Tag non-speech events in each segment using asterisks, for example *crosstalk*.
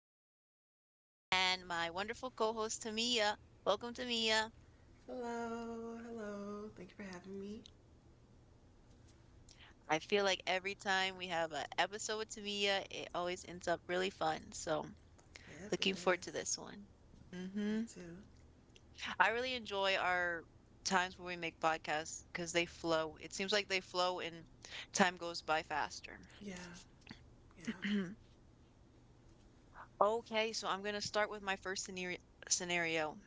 Crystal, and my wonderful co host, Tamia. Welcome, Tamia. Hello, hello. Thank you for having me. I feel like every time we have an episode with Tamia, it always ends up really fun. So, Yep, it looking forward to does. this one. Me hmm too. I really enjoy our times where we make podcasts because they flow. It seems like they flow and time goes by faster. *clears throat* Yeah, yeah. Okay, so I'm going to start with my first scenario. Scenario.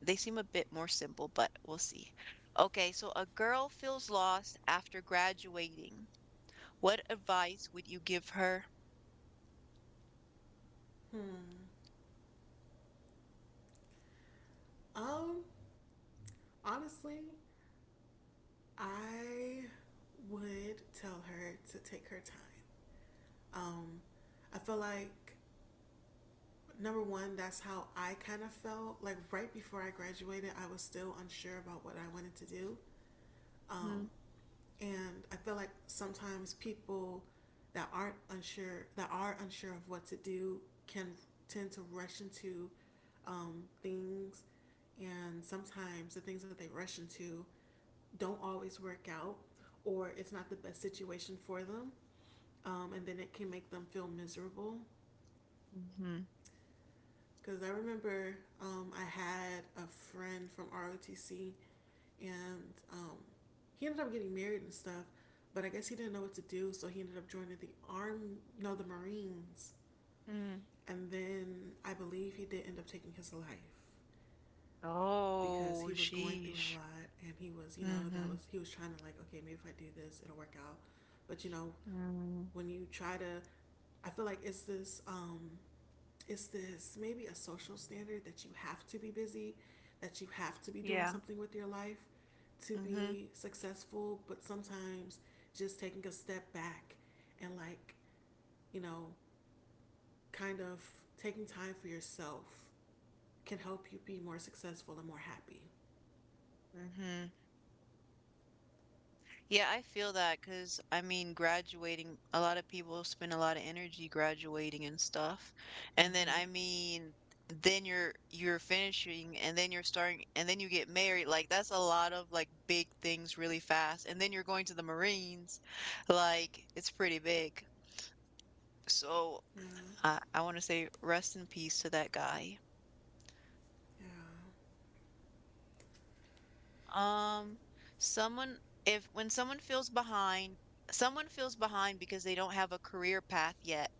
They seem a bit more simple, but we'll see. Okay, so a girl feels lost after graduating. What advice would you give her? Hmm. Um, honestly, I would tell her to take her time. Um, I feel like number one, that's how I kind of felt. Like right before I graduated, I was still unsure about what I wanted to do. Um, Mhm. and I feel like sometimes people that aren't unsure that are unsure of what to do can tend to rush into things, and sometimes the things that they rush into don't always work out, or it's not the best situation for them, and then it can make them feel miserable. Mhm. Because I remember I had a friend from ROTC and he ended up getting married and stuff. But I guess he didn't know what to do, so he ended up joining the arm, no, the Marines. Mm. And then I believe he did end up taking his life because Oh, he was going through a sheesh. lot, and he was, that Mm-hmm. was he was trying to like, okay, maybe if I do this, it'll work out. But Mm, when you try to, I feel like it's this maybe a social standard that you have to be busy, that you have to be doing yeah. something with your life to hmm be successful, but sometimes just taking a step back and, like, you know, kind of taking time for yourself can help you be more successful and more happy. Mm-hmm. Yeah, I feel that because I mean, graduating, a lot of people spend a lot of energy graduating and stuff. And then Mm-hmm. I mean, then you're finishing and then you're starting and then you get married. Like that's a lot of like big things really fast. And then you're going to the Marines. Like it's pretty big. So Yeah, I want to say rest in peace to that guy. yeah, Um, someone if when someone feels behind because they don't have a career path yet.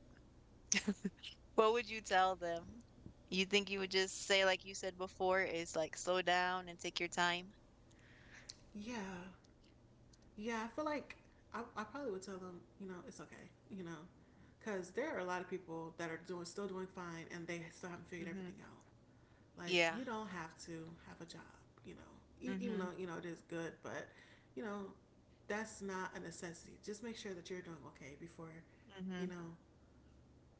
What would you tell them? You think you would just say, like you said before, is like slow down and take your time? yeah, yeah. I feel like I probably would tell them, it's okay, because there are a lot of people that are doing still doing fine and they still haven't figured Mm-hmm. everything out. Like Yeah. you don't have to have a job, E- Even Mm-hmm. though you know it is good, but you know that's not a necessity. Just make sure that you're doing okay before Mm-hmm. you know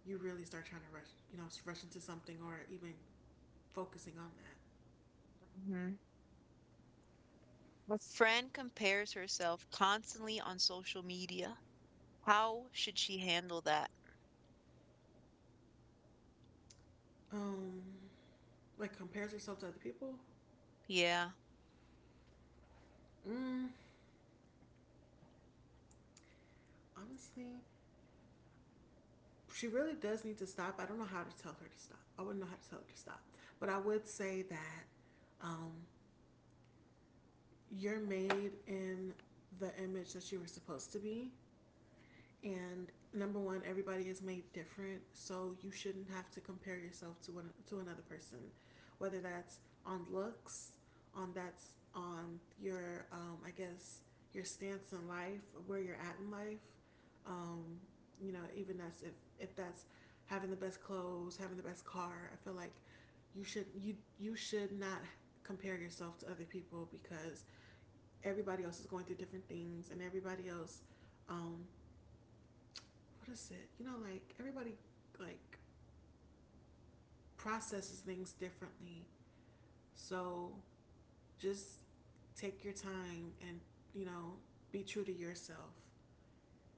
you really start trying to rush, rush into something or even focusing on that. Mm-hmm. A friend compares herself constantly on social media. How should she handle that? Um, like compares herself to other people. Yeah. Mm, honestly, she really does need to stop. I don't know how to tell her to stop. I wouldn't know how to tell her to stop. But I would say that um, you're made in the image that you were supposed to be. And number one, everybody is made different, so you shouldn't have to compare yourself to one to another person, whether that's on looks, on that's on your, I guess, your stance in life, where you're at in life. Um, you know, even that's if that's having the best clothes, having the best car. I feel like you should not compare yourself to other people because everybody else is going through different things and everybody else um, what is it? You know, like everybody like processes things differently. So just take your time and you know be true to yourself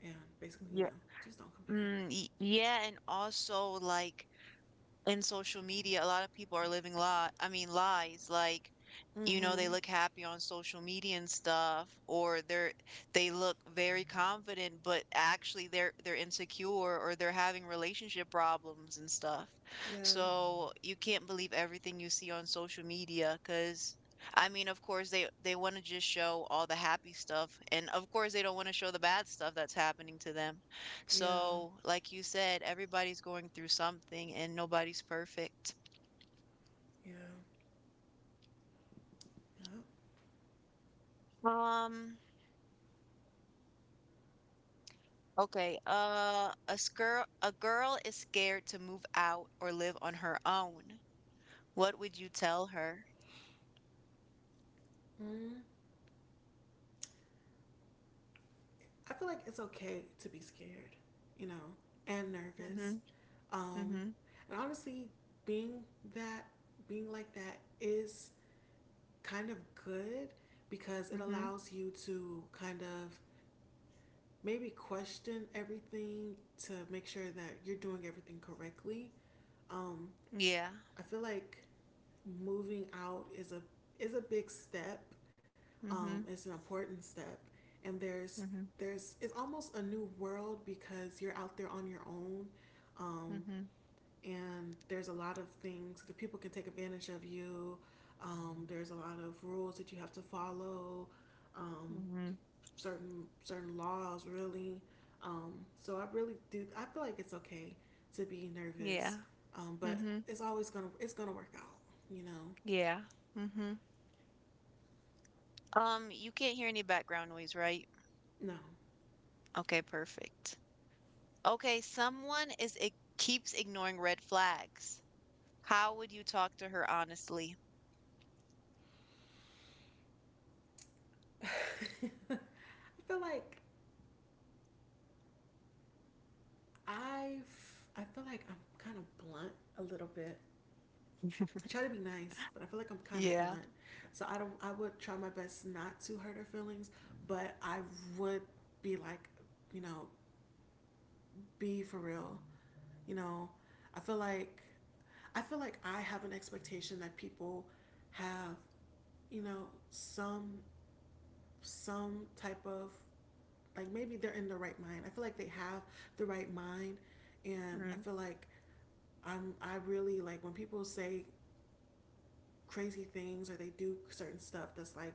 and basically Yeah. Just don't compare. Mm, yeah, and also like in social media, a lot of people are living li I mean lies. Like you know, they Mm-hmm. look happy on social media and stuff, or they look very confident, but actually they're insecure or they're having relationship problems and stuff. Yeah. So you can't believe everything you see on social media because I mean, of course they want to just show all the happy stuff, and of course they don't want to show the bad stuff that's happening to them. Yeah. So, like you said, everybody's going through something, and nobody's perfect. Yeah. Yeah. Um, Okay. A girl is scared to move out or live on her own. What would you tell her? Mm. I feel like it's okay to be scared, you know, and Mm-hmm. nervous. Um, Mm-hmm. and honestly, being that, being like that is kind of good because it Mm-hmm. allows you to kind of maybe question everything to make sure that you're doing everything correctly. Um, Yeah. I feel like moving out is a big step. Mm-hmm. It's an important step, and Mm-hmm. there's it's almost a new world because you're out there on your own. Um, Mm-hmm. and there's a lot of things that people can take advantage of you. There's a lot of rules that you have to follow, um, Mm-hmm. certain laws really. Um, so I really do. I feel like it's okay to be nervous, Yeah. But Mm-hmm. It's gonna work out. You know, Yeah. Mm-hmm. You can't hear any background noise, right? no. I Okay, perfect. Okay, someone is it keeps ignoring red flags. How would you talk to her honestly? feel like I feel like I'm kind of blunt a little bit. I try *laughs* to be nice, but I feel like I'm kind of Yeah. blunt. So I don't. I would try my best not to hurt her feelings, but I would be like, you know, be for real. You know, I feel like I have an expectation that people have, you know, some type of like maybe they're in the right mind. I feel like they have the right mind, and I feel like I really like when people say crazy things or they do certain stuff that's like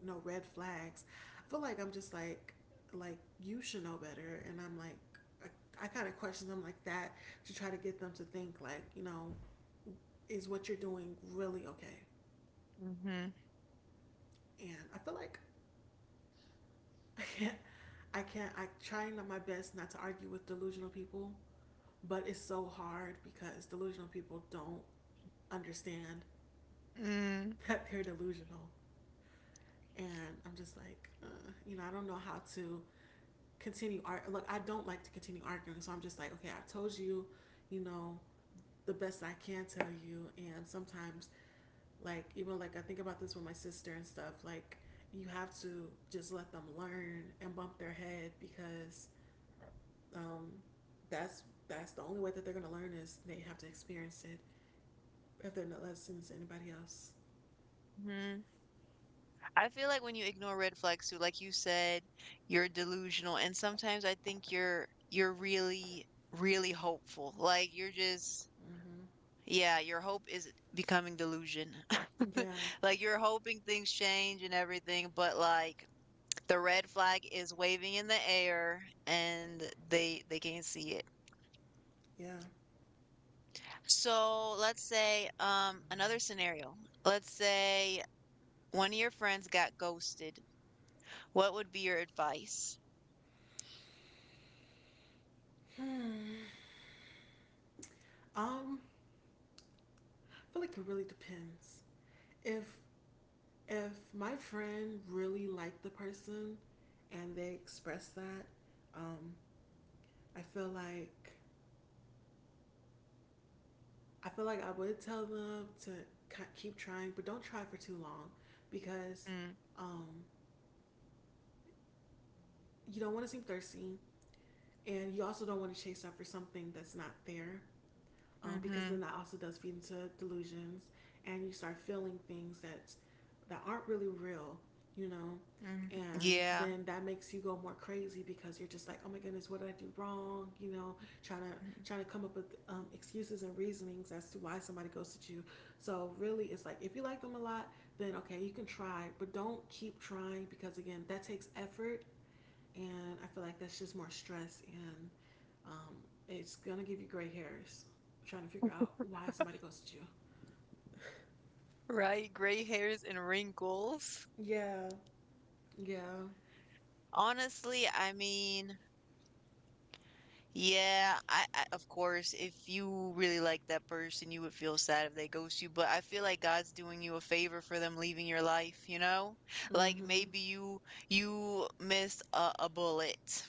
you know red flags. I feel like I'm just like you should know better, and I'm like I kind of question them like that to try to get them to think like you know is what you're doing really okay. Mm-hmm. And I feel like *laughs* i can't I can't I trying my best not to argue with delusional people, but it's so hard because delusional people don't understand Mm-hmm. *laughs* that they're delusional. And I'm just like you know I don't know how to continue art. Look, I don't like to continue arguing, so I'm just like, okay, I told you, you know, the best I can tell you, and sometimes, like, even like I think about this with my sister and stuff. Like, you have to just let them learn and bump their head because um, that's the only way that they're gonna learn is they have to experience it. If they're not listening to anybody else, I feel like when you ignore red flags too, like you said, you're delusional and sometimes I think you're really, really hopeful. Like you're just mm-hmm, yeah, your hope is becoming delusion. *laughs* yeah, Like you're hoping things change and everything, but like the red flag is waving in the air, and they can't see it. yeah. *sighs* So let's say another scenario. Let's say one of your friends got ghosted. What would be your advice? Hmm. Um, I feel like it really depends. If my friend really liked the person and they expressed that, um, I feel like I feel like I would tell them to keep trying, but don't try for too long because um, you don't want to seem thirsty, and you also don't want to chase after something that's not there. Because Mm-hmm. then that also does feed into delusions, and you start feeling things that aren't really real, you know. Mhm. And Yeah. then that makes you go more crazy because you're just like, oh my goodness, what did I do wrong? You know, trying to Mhm. trying to come up with excuses and reasonings as to why somebody ghosted you. So really, it's like if you like them a lot, then okay, you can try, but don't keep trying because again, that takes effort, and I feel like that's just more stress and um, it's gonna give you gray hairs. Trying to figure out why somebody ghosted you. Right, gray hairs and wrinkles. Yeah. Yeah. Honestly, I mean, yeah, I of course, if you really like that person, you would feel sad if they ghost you, but I feel like God's doing you a favor for them leaving your life, you know? Like Mm-hmm. maybe you missed a bullet.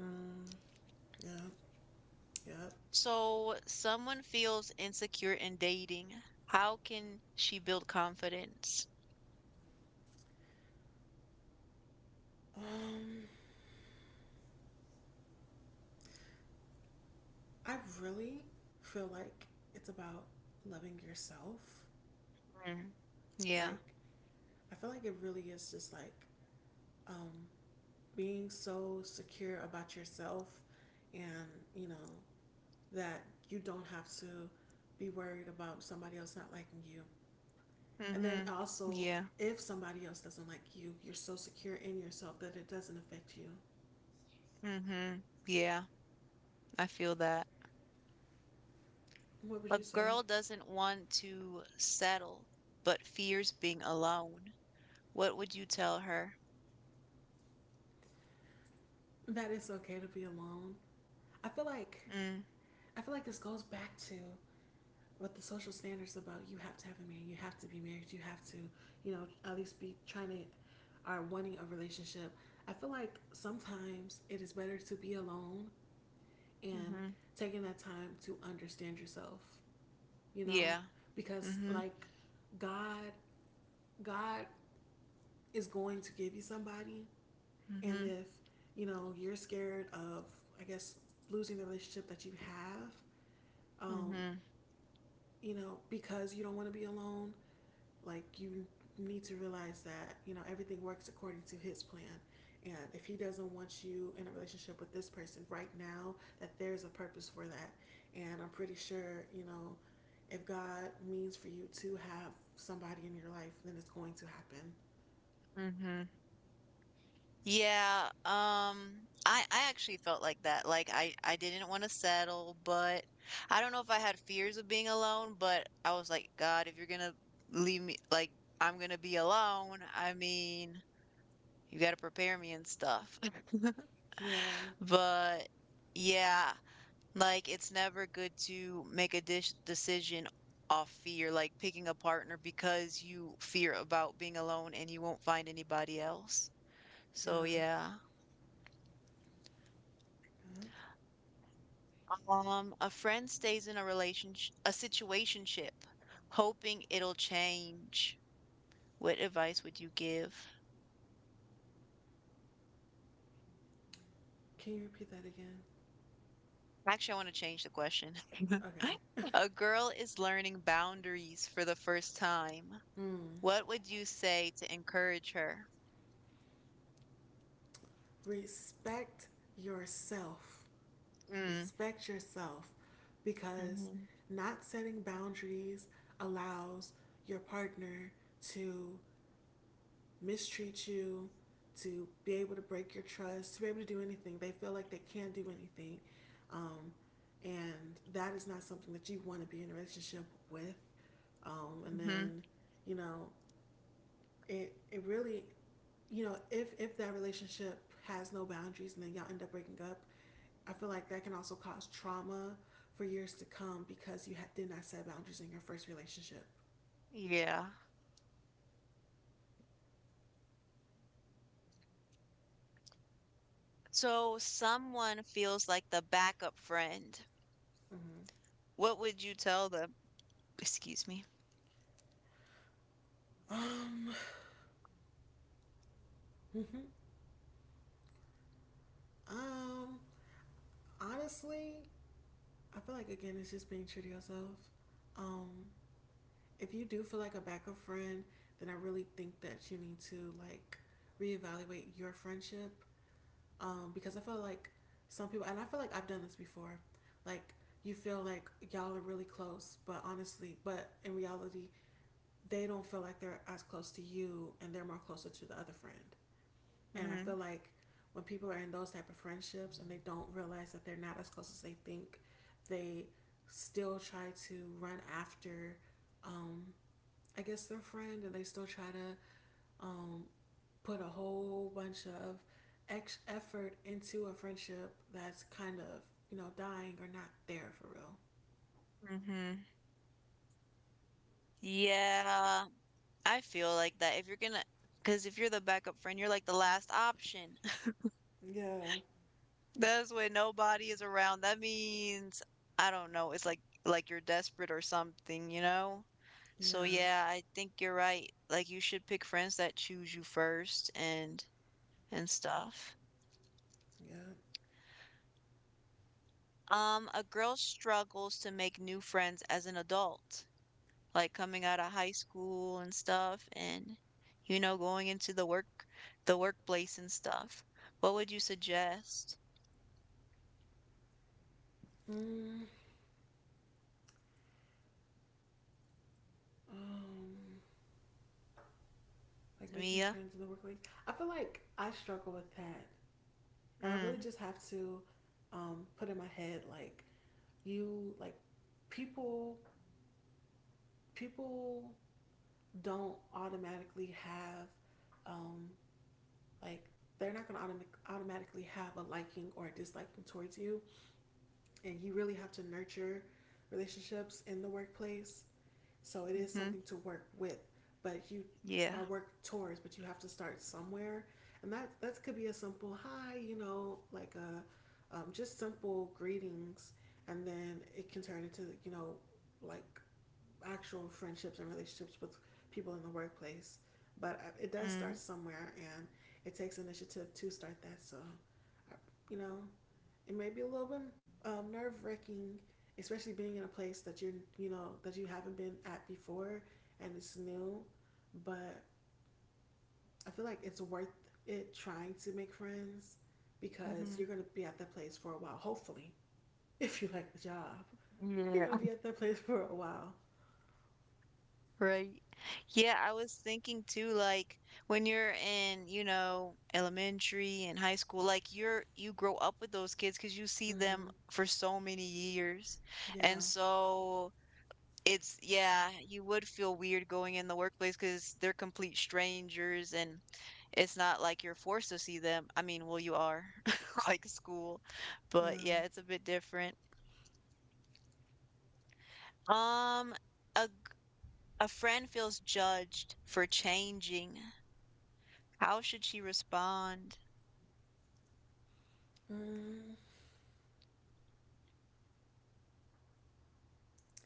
Mm. Yeah. Yep. So, someone feels insecure in dating. How can she build confidence? Um, I really feel like it's about loving yourself. Mm. Yeah. Like, I feel like it really is just like um, being so secure about yourself and, you know, that you don't have to be worried about somebody else not liking you. And then Mm-hmm. also, Yeah. if somebody else doesn't like you, you're so secure in yourself that it doesn't affect you. Mhm. Yeah, I feel that. What would A you say? girl doesn't want to settle, but fears being alone. What would you tell her? That it's okay to be alone. I feel like Mm. I feel like this goes back to what the social standards about you have to have a man, you have to be married, you have to, you know, at least be trying to are wanting a relationship. I feel like sometimes it is better to be alone and Mhm. taking that time to understand yourself, you know, Yeah. because Mhm. like God God is going to give you somebody. And Mhm. if, you know, you're scared of, I guess, losing the relationship that you have, um, Mhm. you know, because you don't want to be alone, like you need to realize that, you know, everything works according to his plan. And if he doesn't want you in a relationship with this person right now, that there's a purpose for that. And I'm pretty sure, you know, if God means for you to have somebody in your life, then it's going to happen. Mhm. Yeah, I actually felt like that. Like I didn't want to settle, but I don't know if I had fears of being alone, but I was like, God, if you're gonna leave me, like I'm gonna be alone, I mean, you gotta prepare me and stuff. Yeah, But yeah, like it's never good to make a dish decision off fear, like picking a partner because you fear about being alone and you won't find anybody else. yeah. So yeah. Yup. A friend stays in a relationship, a situationship, hoping it'll change. What advice would you give? Can you repeat that again? Actually, I want to change the question. *laughs* Okay. A girl is learning boundaries for the first time. *laughs* Mm. What would you say to encourage her? Respect yourself. Mm. Respect yourself because Mhm. not setting boundaries allows your partner to mistreat you, to be able to break your trust, to be able to do anything. They feel like they can't do anything. Um, and that is not something that you want to be in a relationship with. And Mhm. then, you know, it really you know, if that relationship has no boundaries and then y'all end up breaking up, I feel like that can also cause trauma for years to come because you ha- did not set boundaries in your first relationship. Yeah. So someone feels like the backup friend. Mm-hmm. What would you tell them? Excuse me. Um, Mhm. um, Honestly, I feel like again it's just being true to yourself. Um, if you do feel like a backup friend, then I really think that you need to like reevaluate your friendship because I feel like some people, and I feel like I've done this before, like you feel like y'all are really close, but honestly, but in reality, they don't feel like they're as close to you, and they're more closer to the other friend. And I Mhm. feel like when people are in those type of friendships and they don't realize that they're not as close as they think, they still try to run after, um, I guess their friend, and they still try to um, put a whole bunch of effort into a friendship that's kind of dying or not there for real. Mhm. Yeah. I feel like that if you're gonna, because if you're the backup friend, you're like the last option. *laughs* Yeah. That's when nobody is around. That means I don't know. It's like you're desperate or something, you know? So Yeah. yeah, I think you're right. Like you should pick friends that choose you first and stuff. Yeah. A girl struggles to make new friends as an adult, like coming out of high school and stuff, and you know, going into the workplace and stuff. What would you suggest, Mm, um, like making Tamia? friends in the workplace. I feel like I struggle with that, and I really Mm. just have to put in my head like you like people people don't automatically have um, Like they're not going to automatically have a liking or a disliking towards you, and you really have to nurture relationships in the workplace. So it is Mm-hmm. something to work with, but you Yeah. are work towards, but you have to start somewhere, and that could be a simple hi, you know, like a just simple greetings, and then it can turn into like actual friendships and relationships with people in the workplace. But it does Mm. start somewhere, and it takes initiative to start that. So, uh, you know, it may be a little bit nerve wracking, especially being in a place that you're, you know, that you haven't been at before and it's new. But I feel like it's worth it trying to make friends because Mm-hmm. you're going to be at that place for a while, hopefully, *laughs* if you like the job. You're Yeah. going to be at that place for a while. *laughs* Right. Yeah, I was thinking too, like when you're in, you know, elementary and high school, like you grow up with those kids because you see them Hmm. for so many years. And Yeah. so it's yeah, you would feel weird going in the workplace because 'cause they're complete strangers, and it's not like you're forced to see them. I mean, well, you are, *laughs* like school, but Yeah. yeah, it's a bit different. Um, a g- a friend feels judged for changing. How should she respond? Mm,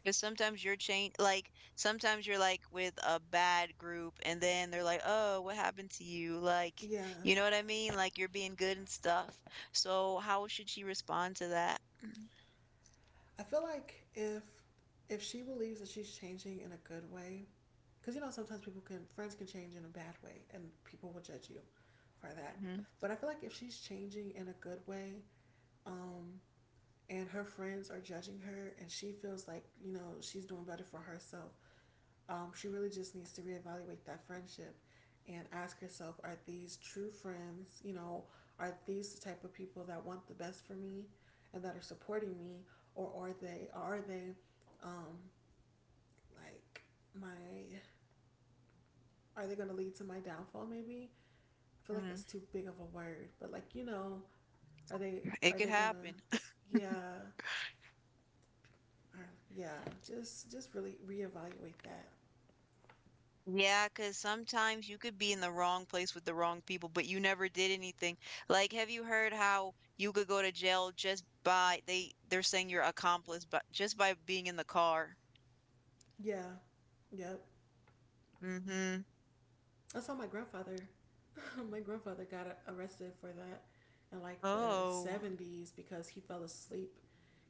Because sometimes you're, like, with a bad group, and then they're like, "Oh, what happened to you?" Like, yeah, you know what I mean? Like, you're being good and stuff. So, how should she respond to that? I feel like if she believes that she's changing in a good way, because sometimes people can friends can change in a bad way, and people will judge you for that. Mhm. But I feel like if she's changing in a good way, um, and her friends are judging her, and she feels like she's doing better for herself, um, she really just needs to reevaluate that friendship and ask herself are these true friends? You know, are these the type of people that want the best for me and that are supporting me? Or um, like my, are they going to lead to my downfall maybe? I feel like Mhm. that's too big of a word, but like, you know, are they, It are could they gonna, happen. yeah, uh, yeah, just really reevaluate that. Yeah, because sometimes you could be in the wrong place with the wrong people, but you never did anything. Like, have you heard how you could go to jail just by they're saying you're accomplice, but just by being in the car? Yeah, yep. Yeah, Mhm. I saw my grandfather. *laughs* My grandfather got arrested for that in like the Oh. 70s because he fell asleep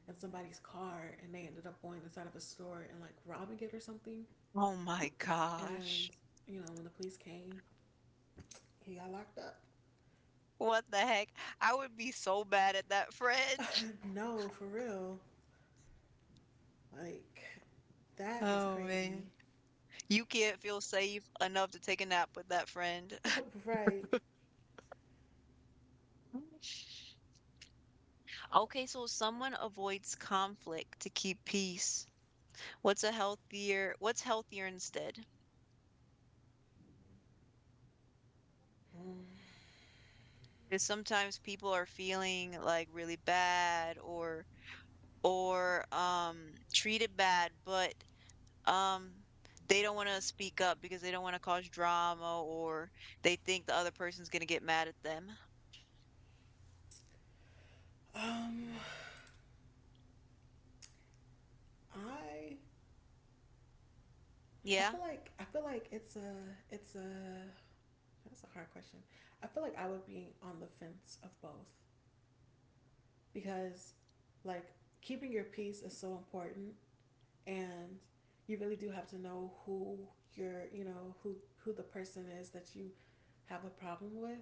in somebody's car and they ended up going inside of a store and like robbing it or something. Oh my And gosh. you know, when the police came, he got locked up. What the heck? I would be so mad at that friend. *laughs* *laughs* No, for real. Like that is Oh man. crazy. You can't feel safe enough to take a nap with that friend. *laughs* Right. *laughs* Okay, so someone avoids conflict to keep peace. What's healthier instead? Because sometimes people are feeling like really bad or or treated bad, but um they don't want to speak up because they don't want to cause drama or they think the other person's going to get mad at them. Um I I Yeah. feel like I feel like it's a that's a hard question. I feel like I would be on the fence of both because, like, keeping your peace is so important and you really do have to know who you're you know who the person is that you have a problem with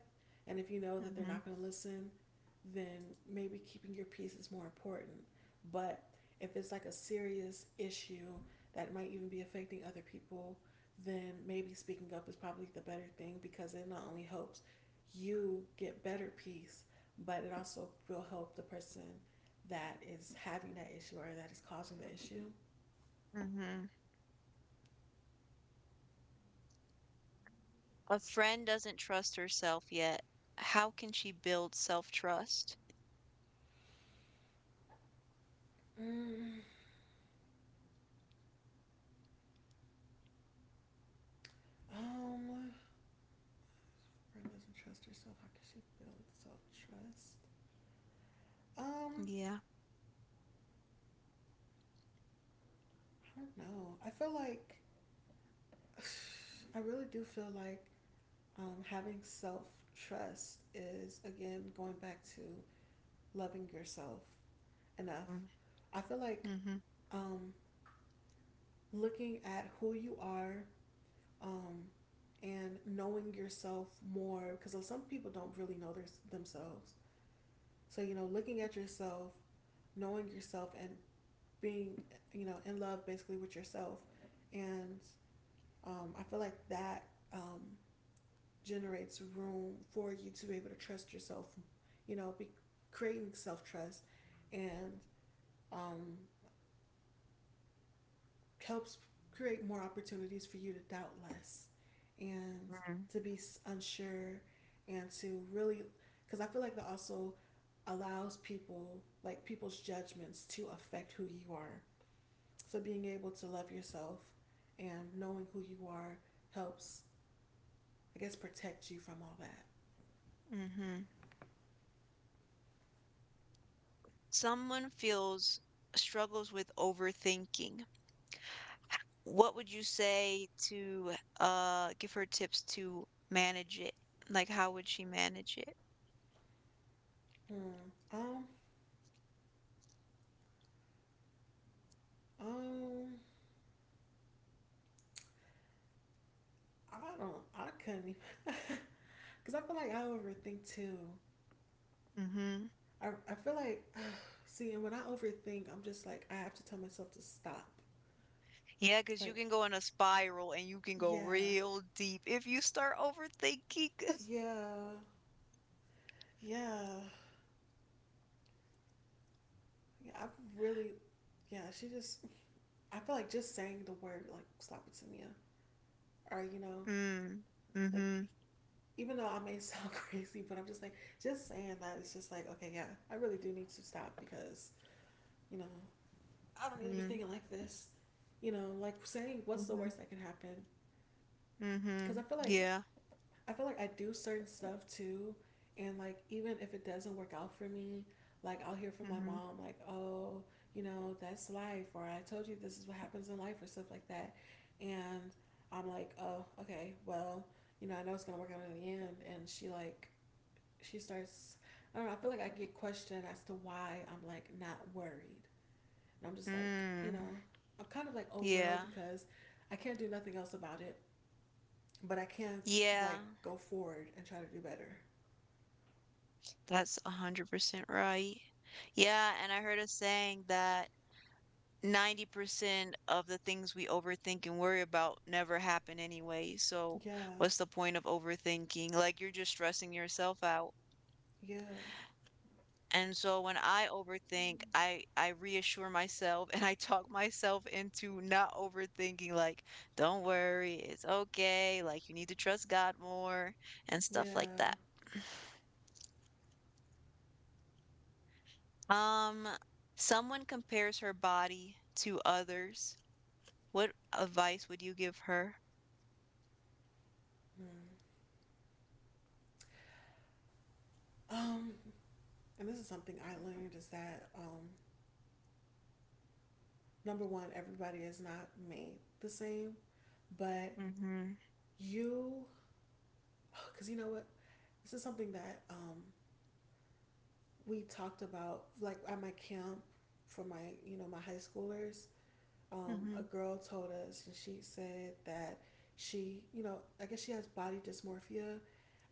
and if you know that they're hmm not going to listen then maybe keeping your peace is more important, but if it's like a serious issue that might even be affecting other people then maybe speaking up is probably the better thing because it not only helps you get better peace but it also will help the person that is having that issue or that is causing the issue. hmm A friend doesn't trust herself yet. How can she build self trust? Mm, um, friend doesn't trust herself. How can she build self trust? Um, Yeah. I don't know. I feel like *sighs* I really do feel like having self trust is again going back to loving yourself enough. I feel like Mm-hmm. um, looking at who you are um, and knowing yourself more because some people don't really know themselves. So you know, looking at yourself, knowing yourself, and being you know in love basically with yourself and I feel like that um, generates room for you to be able to trust yourself, you know, be creating self-trust, and um, helps create more opportunities for you to doubt less and to be unsure and to really because I feel like that also allows people like people's judgments to affect who you are. So being able to love yourself and knowing who you are helps, I guess, protect you from all that. Mm-hmm. Someone feels struggles with overthinking. What would you say to give her tips to manage it? Like how would she manage it? Hmm. Um. I don't. I couldn't even. *laughs* Cause I feel like I overthink too. Mm-hmm. I feel like *sighs* see, and when I overthink, I'm just like I have to tell myself to stop. Yeah, because you Like can go in a spiral and you can go yeah, real deep if you start overthinking. *laughs* yeah, yeah. Yeah. I've really. Yeah. She just. I feel like just saying the word like stop it to me, or you know, Mm. like Mm-hmm. even though I may *laughs* sound crazy, but I'm just like, just saying that it's just like, okay, yeah, I really do need to stop because, you know, I don't need to be thinking like this. You know, like saying what's the Mhm. worst that can happen. Because Mhm. Yeah. I feel like I do certain stuff too. And like, even if it doesn't work out for me, like I'll hear from my Mhm. mom, like, oh, you know, that's life, or I told you this is what happens in life, or stuff like that. And I'm like, oh, okay, well, you know, I know it's gonna work out in the end. And she like she starts. I don't know. I feel like I get questioned as to why I'm like not worried, and I'm just like, you Mm. know, I'm kind of like, oh well, Yeah. because I can't do nothing else about it, but I can Yeah. like go forward and try to do better. That's 100% right. Yeah, and I heard a saying that 90% of the things we overthink and worry about never happen anyway. So, Yeah, what's the point of overthinking? Like, you're just stressing yourself out. yeah, And so when I overthink, I reassure myself *laughs* and I talk myself into not overthinking like, don't worry, it's okay, like you need to trust God more and stuff like yeah. that. *sniffs* *sighs* Um, someone compares her body to others. What advice would you give her? Mm. Um, and this is something I learned is that number one, everybody is not made the same, but Mm-hmm. you, because you know what, this is something that we talked about like at my camp for my you know my high schoolers. Mm-hmm. A girl told us, and she said that she you know I guess she has body dysmorphia,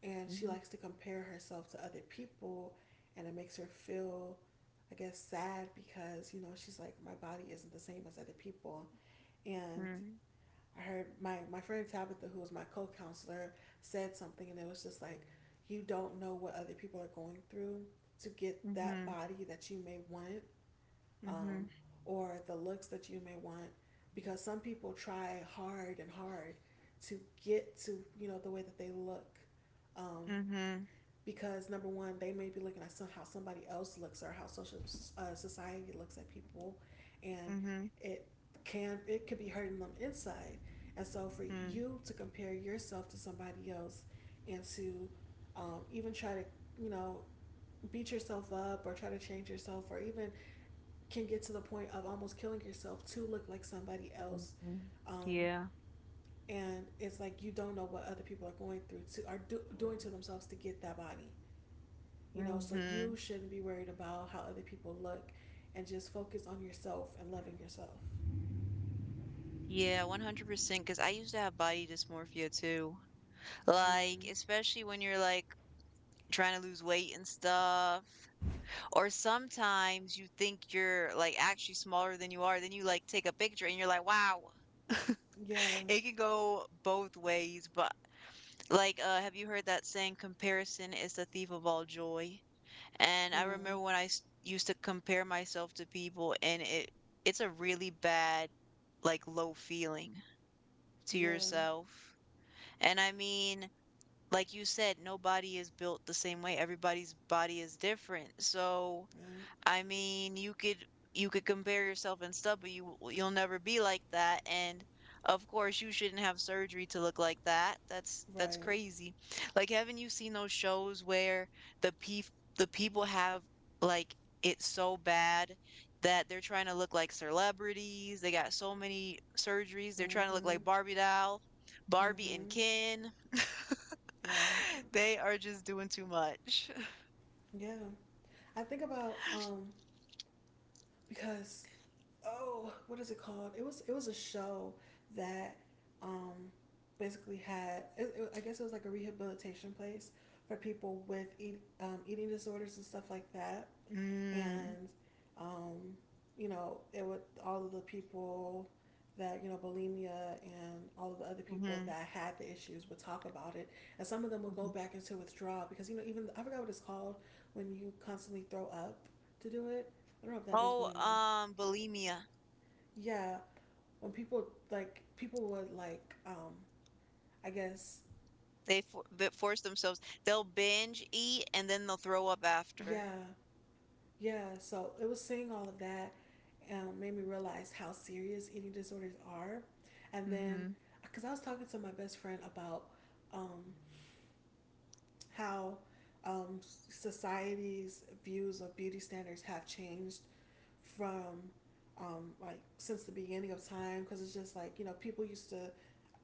and she Mm-hmm. likes to compare herself to other people, and it makes her feel I guess sad because you know she's like my body isn't the same as other people, and I heard my friend Tabitha, who was my co counselor, said something, and it was just like, you don't know what other people are going through to get that Mm-hmm. body that you may want, Mm-hmm. um, or the looks that you may want because some people try hard and hard to get to you know the way that they look, um, Mm-hmm. because number one, they may be looking at how somebody else looks or how social society looks at people, and Mm-hmm. it can it could be hurting them inside. And so for you to compare yourself to somebody else, and to even try to you know beat yourself up or try to change yourself or even can get to the point of almost killing yourself to look like somebody else, Mm-hmm. um, Yeah. and it's like you don't know what other people are going through to doing to themselves to get that body, you know, so you Mm-hmm. shouldn't be worried about how other people look and just focus on yourself and loving yourself. Yeah, 100%. Because I used to have body dysmorphia too. Like, Mm. especially when you're like trying to lose weight and stuff. Or sometimes you think you're like actually smaller than you are. Then you like take a picture and you're like, wow. *laughs* Yeah. It can go both ways. But like, have you heard that saying, comparison is the thief of all joy? And I Mm. remember when used to compare myself to people, and it's a really bad, like, low feeling to Yeah. yourself. And I mean, like you said, nobody is built the same way. Everybody's body is different. So, Yeah. I mean, you could compare yourself and stuff, but you'll never be like that. And of course, you shouldn't have surgery to look like that. That's Right. crazy. Like, haven't you seen those shows where the pe the people have like it so bad that they're trying to look like celebrities. They got so many surgeries. They're trying to look Mm-hmm. like Barbie doll, Barbie and Mm-hmm. Ken. Yeah. *laughs* They are just doing too much. *laughs* Yeah. I think about because oh, what is it called? It was a show that um basically had I guess it was like a rehabilitation place for people with eating disorders and stuff like that Mm. and um, you know it would all of the people that you know bulimia and all of the other people Mhm. that had the issues would talk about it, and some of them would go Mhm. back into withdrawal because you know even I forgot what it's called when you constantly throw up to do it. I don't know if that is Oh, bulimia. Bulimia. Yeah, when people would like i guess They force themselves. They'll binge eat and then they'll throw up after. yeah. Yeah, so it was seeing all of that made me realize how serious eating disorders are. And then, Mhm. because I was talking to my best friend about um, how society's views of beauty standards have changed from like since the beginning of time, because it's just like you know people used to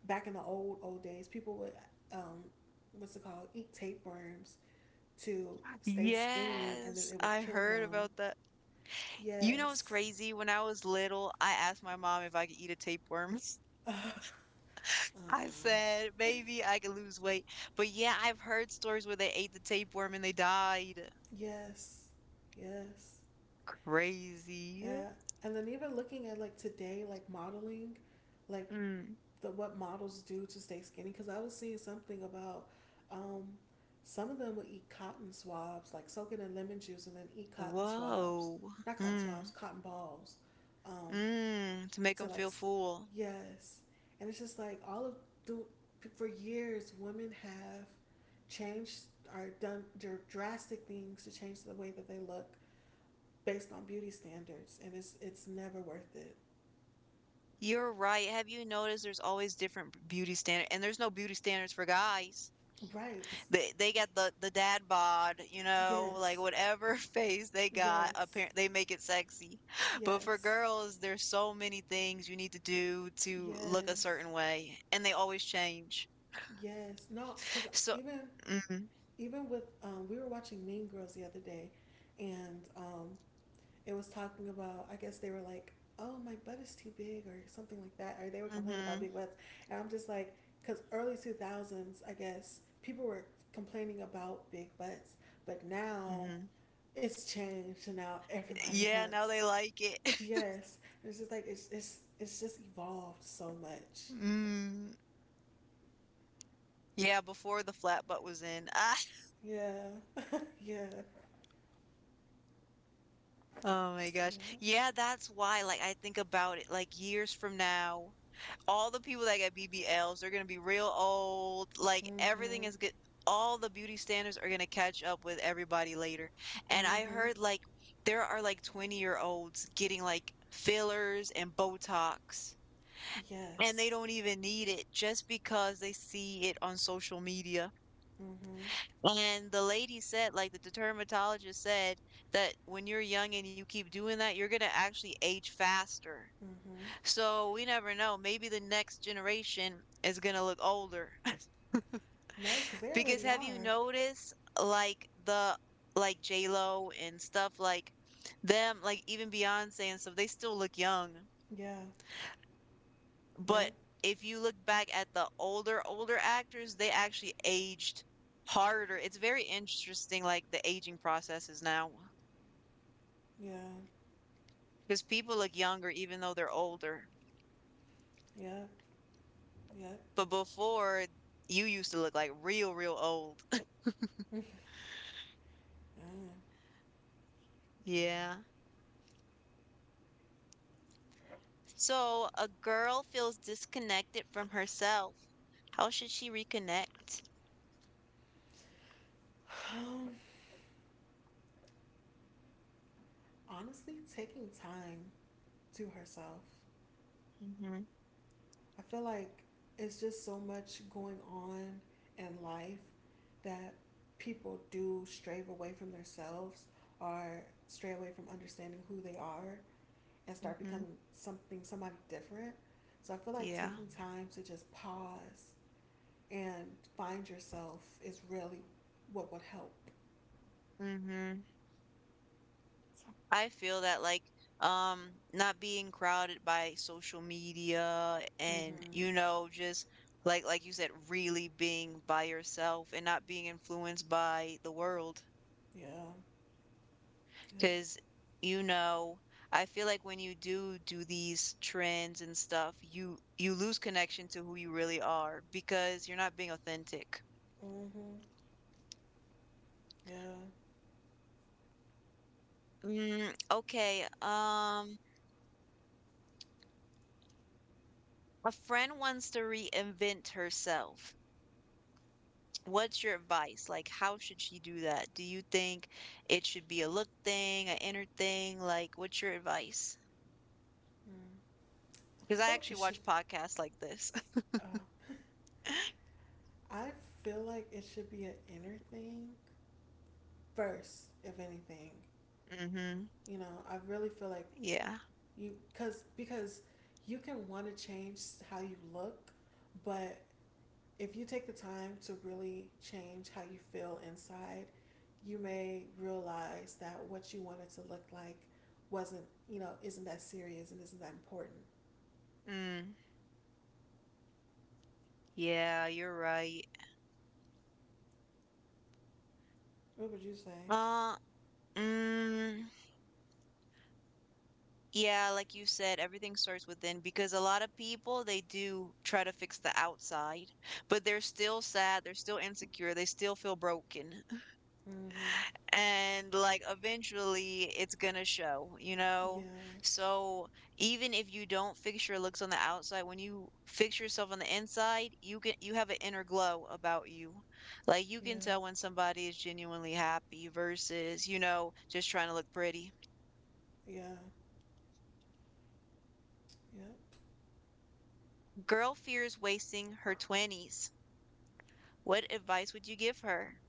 back in the old old days, people would um, what's it called eat tapeworms to stay skinny, and then Yes, it would I kill heard them. about that. You know, it's Yes. crazy. When I was little, I asked my mom if I could eat a tapeworm. Uh, *laughs* I said, uh-uh. maybe I could lose weight. But yeah, I've heard stories where they ate the tapeworm and they died. *laughs* Yes, yes, Crazy. yeah. And then even looking at, like, today, like modeling, like Mm. the what models do to stay skinny, because I was seeing something about um some of them would eat cotton swabs, like soak it in lemon juice and then eat cotton swabs. Whoa. Not cotton swabs, Mm. cotton balls. Um Mm. To make to them like feel full. yes. And it's just like all of the for years women have changed or done drastic things to change the way that they look based on beauty standards, and it's never worth it. You're right. Have you noticed there's always different beauty standard, and there's no beauty standards for guys. Right. They got the dad bod, like Yes, whatever *laughs* face they got, yes, apparent they make it sexy. *laughs* But for yes, girls, there's so many things you need to do to look a yes, certain way, and they always change. yes. No, because So, even mm-hmm, even with we were watching Mean Girls the other day, and it was talking about, I guess they were like, "Oh, my butt is too big" or something like that, or they were complaining about mm-hmm, big butts. And I'm just like, because early two thousands, I guess people were complaining about big butts, but now mm-hmm. it's changed, and now everybody *laughs* Yeah, now wants. they like it. *laughs* Yes. And it's just like it's just evolved so much. Mm. Yeah, before the flat butt was in. Ah, Yeah, *laughs* yeah, oh my gosh. yeah. Yeah, that's why, like, I think about it, like, years from now, all the people that got BBLs, they're gonna be real old. Like, everything Mhm, is good. All the beauty standards are gonna catch up with everybody later. And I mhm. heard, like, there are like 20-year-olds getting like fillers and Botox, and they Yes. don't even need it just because they see it on social media. Mhm, And the lady said, like the dermatologist said, that when you're young and you keep doing that, you're gonna actually age faster. mhm. So we never know. Maybe the next generation is gonna look older. *laughs* No, because they Because already have you are. noticed like the like J Lo and stuff like them, like even Beyonce and stuff, they still look young. Yeah. But Yep. if you look back at the older, older actors, they actually aged harder. It's very interesting, like the aging processes now, Yeah. because people look younger even though they're older. Yep. Yep. But before, you used to look like real, real old. *laughs* yeah. Yeah. So a girl feels disconnected from herself. How should she reconnect? Um, honestly, taking time to herself. Mm hmm I feel like it's just so much going on in life that people do stray away from themselves, or stray away from understanding who they are, and mm start hmm becoming something, somebody different. So I feel like Yeah. taking time to just pause and find yourself is really what would help. mm hmm I feel that, like, not being crowded by social media, and Mm-hmm. Just like you said, really being by yourself and not being influenced by the world. Yeah. Yep. Because, you know, I feel like when you do these trends and stuff, you lose connection to who you really are because you're not being authentic. Mm-hmm. Yeah. Mm, okay. A friend wants to reinvent herself. What's your advice? Like, how should she do that? Do you think it should be a look thing, an inner thing? Like, what's your advice? Mm. Because I I feel like actually it should. watch podcasts like this. *laughs* Uh, *laughs* I feel like it should be an inner thing first, if anything. Mm-hmm. You know, I really feel like Yeah. you, cause because you can want to change how you look, but if you take the time to really change how you feel inside, you may realize that what you wanted to look like wasn't, you know, isn't that serious and isn't that important. Mm, yeah, you're right. What would you say? Uh, Mm, yeah, like you said, everything starts within because a lot of people, they do try to fix the outside, but they're still sad, they're still insecure, they still feel broken. *laughs* Mm-hmm. And like eventually it's gonna show, you Yeah, know? So even if you don't fix your looks on the outside, when you fix yourself on the inside, you have an inner glow about you. Like you can yeah, tell when somebody is genuinely happy versus, just trying to look pretty. yeah, yeah. Girl fears wasting her 20s. What advice would you give her?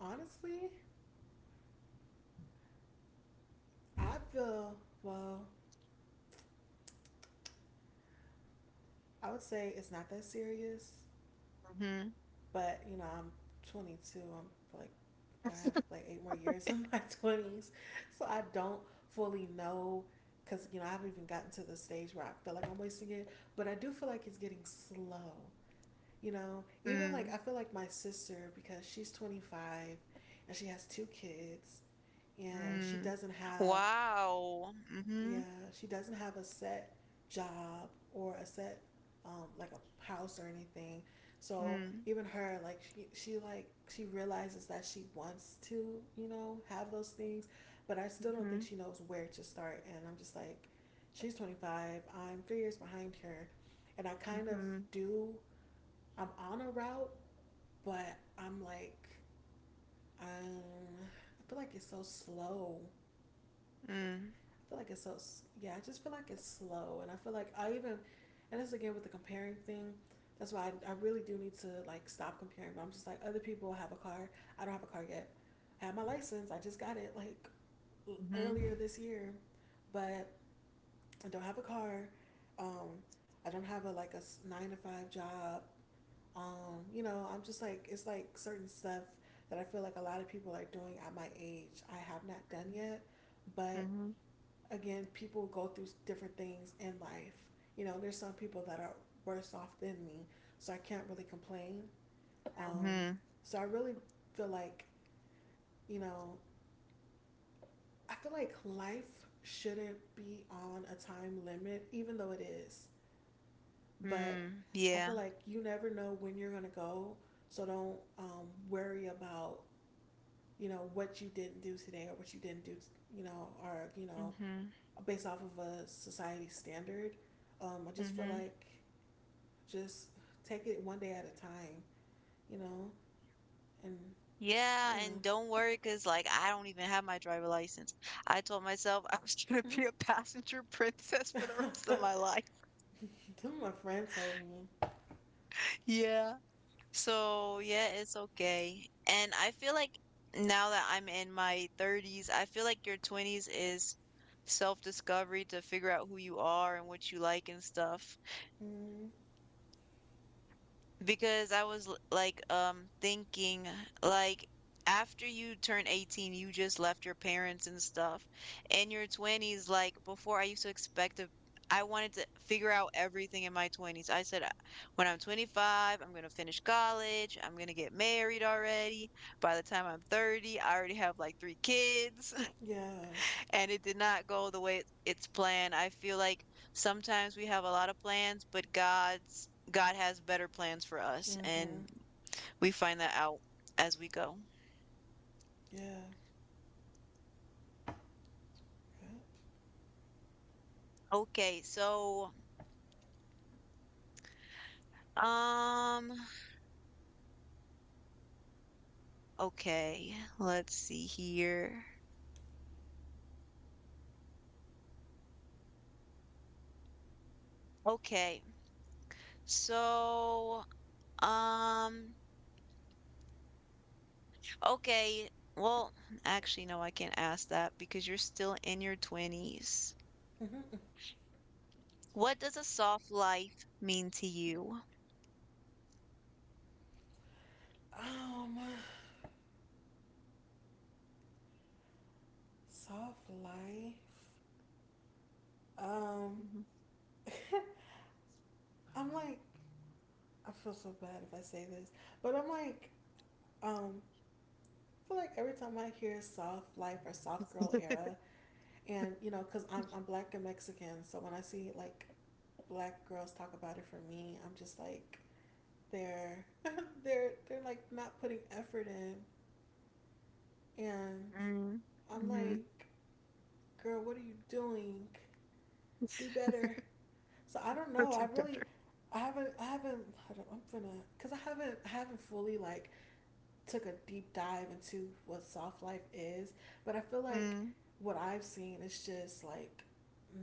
Honestly, I feel well. I would say it's not that serious, Mm-hmm. but you know, I'm 22. I'm like, I have like eight more years *laughs* in my 20s, so I don't fully know. Cause you know, I haven't even gotten to the stage where I feel like I'm wasting it, but I do feel like it's getting slow. You know, even like Mm, I feel like my sister because she's 25 and she has two kids and she mm. doesn't have, Wow. Mm-hmm. yeah, she doesn't have a set job or a set like a house or anything. So Mm, even her, like she like she realizes that she wants to, you know, have those things, but I still don't mm-hmm. think she knows where to start. And I'm just like she's 25, I'm 3 years behind her, and I kind of Mm-hmm. do. I'm on a route, but I'm like, um, I feel like it's so slow. Mm, I feel like it's so, yeah, I just feel like it's slow. And I feel like I even, and this again with the comparing thing, that's why I really do need to like stop comparing. But I'm just like, other people have a car. I don't have a car yet. I have my license. I just got it like mm-hmm. earlier this year, but I don't have a car. Um, I don't have a like a nine to five job. You know, I'm just like it's like certain stuff that I feel like a lot of people are doing at my age, I have not done yet. But Mm-hmm. again, people go through different things in life. You know, there's some people that are worse off than me, so I can't really complain. Um, Mm-hmm. so I really feel like, you know, I feel like life shouldn't be on a time limit, even though it is. But Mm. I feel Yeah. like you never know when you're gonna go, so don't worry about, you know, what you didn't do today or what you didn't do, you know, or, you know, Mm-hmm. based off of a society standard. I just feel Mm-hmm. like just take it one day at a time, you know, and Yeah, yeah. and don't worry, cause, like, I don't even have my driver license. I told myself I was *laughs* gonna Mm-hmm. be a passenger princess for the rest *laughs* of That's my life. what my friend told me. *laughs* Yeah. So, yeah, it's okay. And I feel like now that I'm in my 30s, I feel like your 20s is self-discovery, to figure out who you are and what you like and stuff, Mm, because I was like thinking, like, after you turn 18, you just left your parents and stuff. In your 20s, like, before, I used to expect a I wanted to figure out everything in my 20s. I said, "When I'm 25, I'm going to finish college. I'm going to get married already. By the time I'm 30, I already have like three kids," yeah. and it did not go the way it's planned. I feel like sometimes we have a lot of plans, but God has better plans for us, Mm-hmm. and we find that out as we go. Yeah. Yeah. Okay, so um okay, let's see here. Okay. So um okay, well, actually, no, I can't ask that because you're still in your 20s. Mm-hmm. What does a soft life mean to you? Um, soft life. Um, *laughs* I'm like, I feel so bad if I say this, but I'm like, um, I feel like every time I hear soft life or soft girl era, and you know, cause I'm black and Mexican, so when I see like black girls talk about it for me, I'm just like they're *laughs* they're like not putting effort in. And Mm, I'm mhm. like, girl, what are you doing? Do better. So I don't Or know. I two really, better. I haven't I don't, I'm gonna, cause I haven't fully like took a deep dive into what soft life is, but I feel like Mm, what I've seen is just like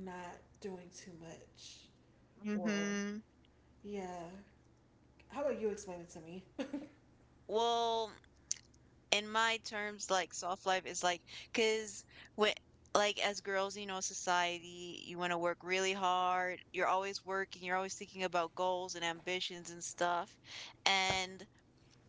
not doing too much, or mhm. yeah. How about you explain it to me? Well, in my terms, like, soft life is like, cause, when, like, as girls, you know, society, you want to work really hard. You're always working. You're always thinking about goals and ambitions and stuff. And,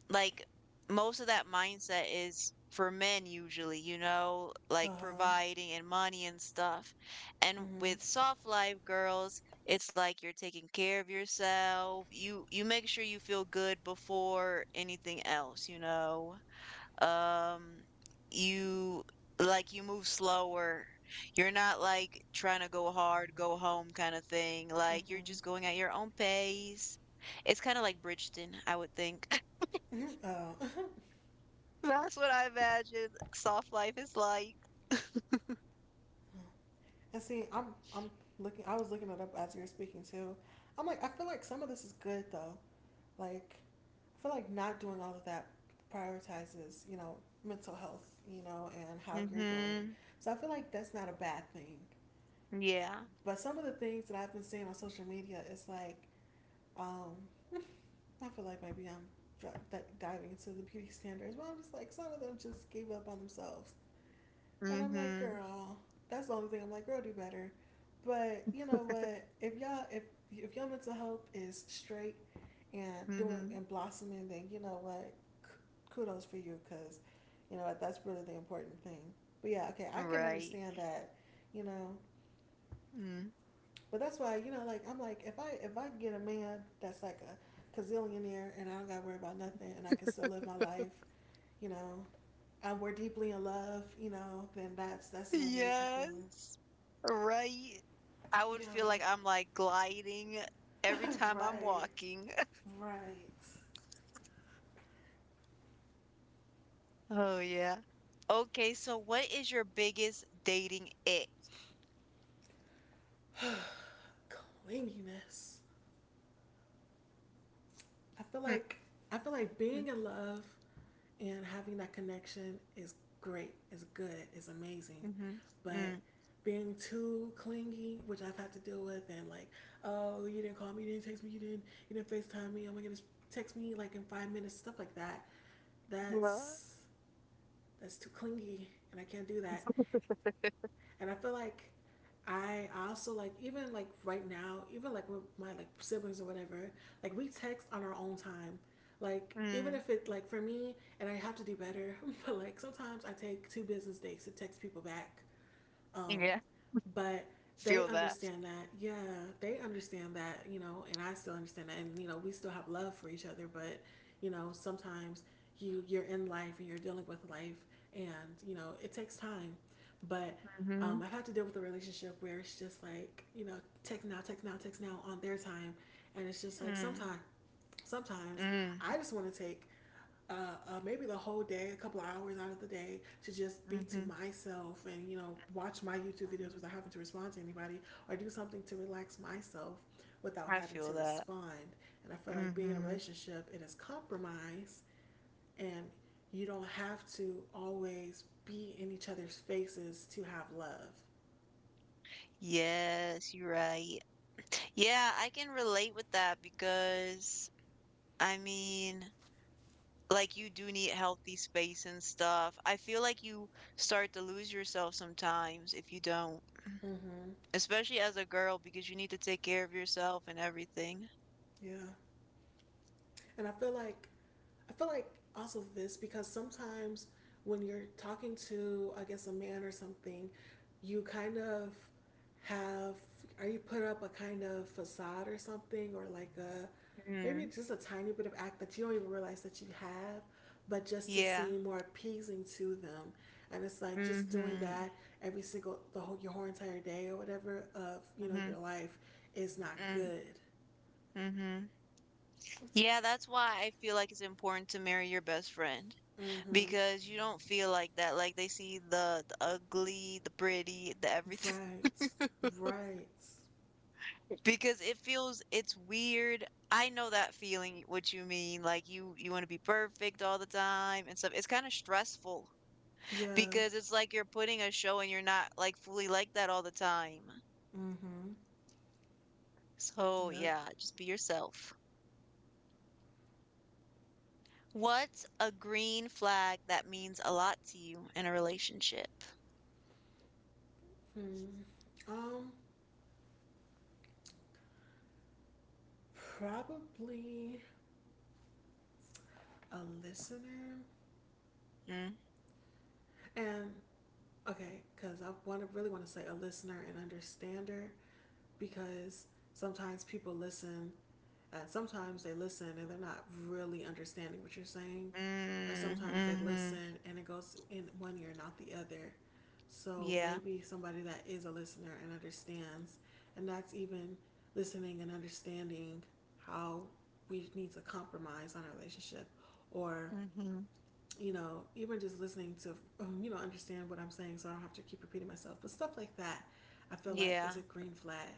like, most of that mindset is for men usually, you know, like Uh-huh. providing and money and stuff. And with Mm-hmm. soft life girls, it's like you're taking care of yourself. You make sure you feel good before anything else, you know. Um you Like you move slower. You're not like trying to go hard, go home kind of thing. Like you're Mm-hmm. just going at your own pace. It's kind of like Bridgeton, I would think. Mm-hmm. *laughs* Huh. Mhm. Mhm. Mhm. That's what I imagine soft life is like. *laughs* Oh. *laughs* and see, I'm looking. I was looking it up as you were speaking too. I'm like, I feel like some of this is good though. Like, I feel like not doing all of that prioritizes, you know, mental health, you know, and how you're doing. Mhm. So I feel like that's not a bad thing. Yeah. But some of the things that I've been seeing on social media is like, um, *laughs* I feel like maybe I'm diving into the beauty standards. Well, I'm just like, some of them just gave up on themselves. And I'm like, Mhm. girl, that's the only thing. I'm like, girl, do better. But you know what? If y'all if your mental health is straight and doing Mhm. and blossoming, then you know what? Kudos for you, cause you know what? That's really the important thing. But yeah, okay, I can Right. understand that. You know, Mm. but that's why you know, like I'm like, if I get a man that's like a gazillionaire, and I don't gotta worry about nothing, and I can still live my life, you know, and we're deeply in love, you know, then that's an amazing thing. Yes. Right. I would Yeah. feel like I'm like gliding every *clears throat* time I'm Right. walking. *laughs* Right. Oh yeah. Okay, so what is your biggest dating ick? Clinginess. I feel Mm, like mm. being in love and having that connection is great. Is good. Is amazing. Mhm. But Mm. being too clingy, which I've had to deal with, and like, oh, you didn't call me, you didn't text me, you didn't FaceTime me. Oh my goodness, text me like in 5 minutes, stuff like that. Yeah. That's that's too clingy, and I can't do that. *laughs* And I feel like I also like even like right now, even like with my like siblings or whatever, like we text on our own time. Like even Mm. if it like for me, and I have to do better, *laughs* but like sometimes I take two business days to text people back, um, Yeah. but they Feel that. understand that, yeah, they understand that, you know, and I still understand that, and you know, we still have love for each other, but you know, sometimes you you're in life and you're dealing with life, and you know, it takes time, but. Mhm. I've had to deal with a relationship where it's just like, you know, text now, text now, text now on their time. And it's just like Mm. sometimes sometimes Mm. I just want to take uh, maybe the whole day, a couple of hours out of the day, to just be to Mhm. myself and you know watch my YouTube videos Mhm. without having to respond to anybody, or do something to relax myself without I having feel to that. respond. And I feel like being in a Mhm. relationship, it is compromise, and you don't have to always be in each other's faces to have love. Yes, you're right. Yeah, I can relate with that because, I mean, like, you do need healthy space and stuff. I feel like you start to lose yourself sometimes if you don't, Mm-hmm. especially as a girl, because you need to take care of yourself and everything. Yeah, and I feel like also this because sometimes when you're talking to, I guess, a man or something, you kind of have, or you put up a kind of facade or something, or like a maybe Mm. just a tiny bit of act that you don't even realize that you have, but just to Yeah. seem more appeasing to them. And it's like just doing Mhm. that every single, the whole, your whole entire day or whatever of, you know, Mhm. your life is not Mm. good. Mhm. Yeah, that's why I feel like it's important to marry your best friend. Mm hmm. Because you don't feel like that. Like they see the ugly, the pretty, the everything. Right. *laughs* Right. Because it feels, it's weird. I know that feeling, what you mean. Like you want to be perfect all the time and stuff. It's kind of stressful Yeah. because it's like you're putting a show and you're not like fully like that all the time. Mm-hmm. So, Yep. yeah, just be yourself. What's a green flag that means a lot to you in a relationship? Hmm. Um, probably a listener, Mm. and okay, because I want to really want to say a listener and understander, because sometimes people listen. And sometimes they listen and they're not really understanding what you're saying, or Mm, sometimes they hmm listen and it goes in one ear, and not the other. So Yeah. maybe somebody that is a listener and understands, and that's even listening and understanding how we need to compromise on our relationship, or hmm you know, even just listening to oh, you know understand what I'm saying, so I don't have to keep repeating myself. But stuff like that, I feel like Yeah. is a green flag,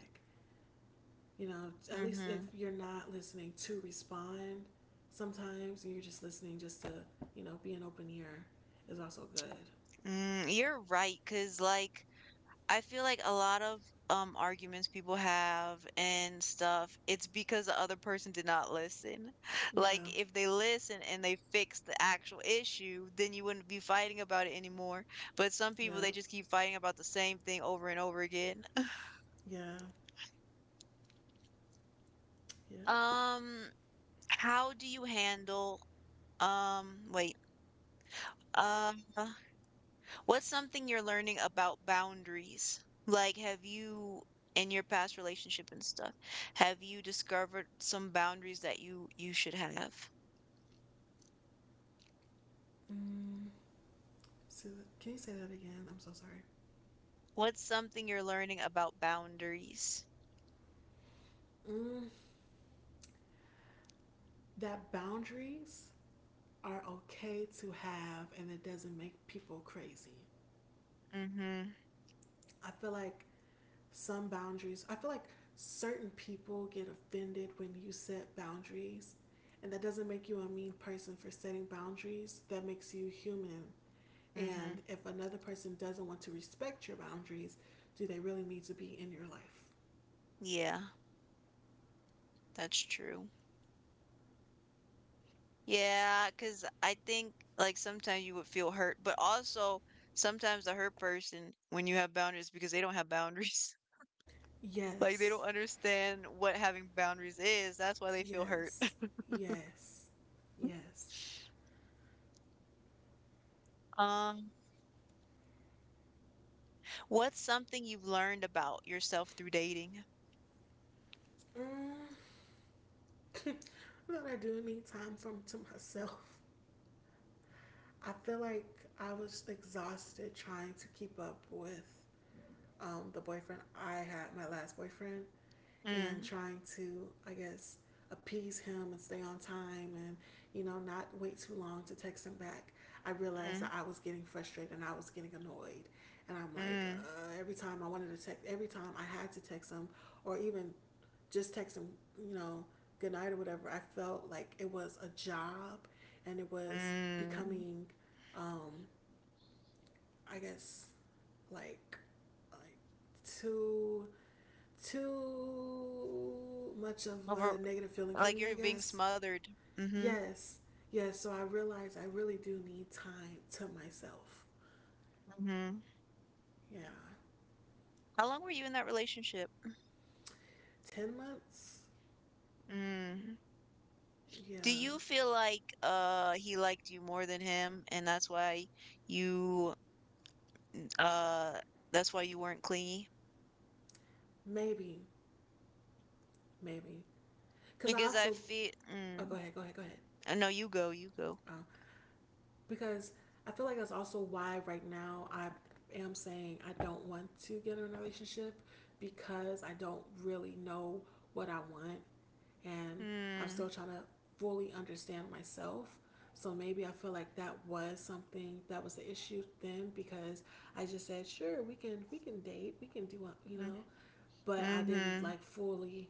you know, at least if Mhm. you're not listening to respond sometimes and you're just listening just to, you know, be an open ear is also good. Mm, you're right, right. Cause, like, I feel like a lot of arguments people have and stuff, it's because the other person did not listen. *laughs* Like, Yeah. if they listen and they fix the actual issue, then you wouldn't be fighting about it anymore. But some people, they Yep. just keep fighting about the same thing over and over again. *laughs* Yeah. Yep. Um, how do you handle wait, um What's something you're learning about boundaries? Like, have you, in your past relationship and stuff, have you discovered some boundaries that you should have? Mm. So, can you say that again? I'm so sorry. What's something you're learning about boundaries? Mm. That boundaries are okay to have and it doesn't make people crazy. Mhm. I feel like some boundaries. I feel like certain people get offended when you set boundaries, and that doesn't make you a mean person for setting boundaries. That makes you human. And Mhm. if another person doesn't want to respect your boundaries, do they really need to be in your life? Yeah, that's true. Yeah, cause I think, like, sometimes you would feel hurt, but also sometimes the hurt person, when you have boundaries, because they don't have boundaries. *laughs* Like, they don't Yes, understand what having boundaries is. That's why they feel hurt. yes, *laughs* yes, yes. Um What's something you've learned about yourself through dating? Mm. *laughs* But I do need time from to myself. I feel like I was exhausted trying to keep up with the boyfriend I had, my last boyfriend, and Mm, trying to, I guess, appease him and stay on time and, you know, not wait too long to text him back, I realized mm, that I was getting frustrated and I was getting annoyed. And I'm like, mm, every time I wanted to text, every time I had to text him or even just text him, you know, good night or whatever, I felt like it was a job and it was mm. becoming, um, I guess, like, like too too much of a Over, negative feeling for like, me, I you're being guess. smothered. Mhm, Yes, yes. So I realized I really do need time to myself. mhm. Yeah. How long were you in that relationship? 10 months? Mm. Yeah. Do you feel like he liked you more than him, and that's why you uh weren't clingy? Maybe, maybe. Because I Because I also, feel, oh, go ahead, go ahead, go ahead. No, you go, you go. Uh, because I feel like that's also why right now I am saying I don't want to get in a relationship because I don't really know what I want and I'm still Mm. trying to fully understand myself. So maybe I feel like that was something that was the issue then because I just said, sure, we can date, we can do you know, but I didn't Mm. like fully,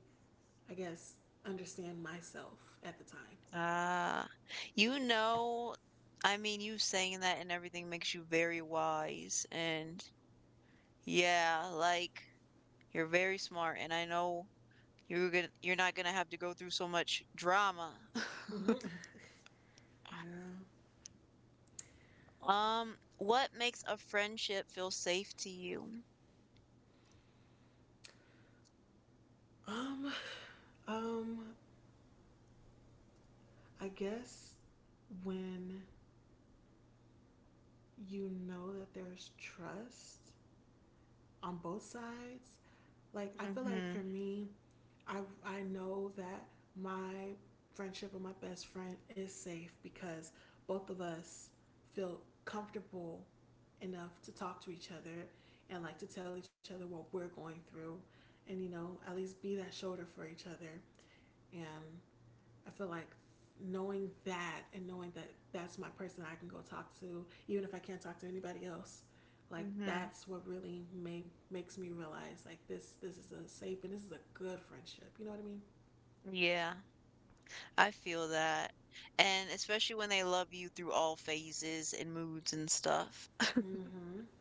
I guess, understand myself at the time. Ah, you know, I mean, you saying that and everything makes you very wise, and yeah, like, you're very smart, and I know you're not gonna have to go through so much drama. *laughs* Mm-hmm. Yeah. What makes a friendship feel safe to you? Um. Um. I guess when you know that there's trust, on both sides. Like I feel like for Mm-hmm. me, I know that my friendship with my best friend is safe because both of us feel comfortable enough to talk to each other and like to tell each other what we're going through and you know at least be that shoulder for each other and I feel like knowing that and knowing that that's my person I can go talk to, even if I can't talk to anybody else, like Mm-hmm. that's what really made, makes me realize like this is a safe and this is a good friendship. You know what I mean? Yeah, I feel that. And especially when they love you through all phases and moods and stuff. Mm-hmm.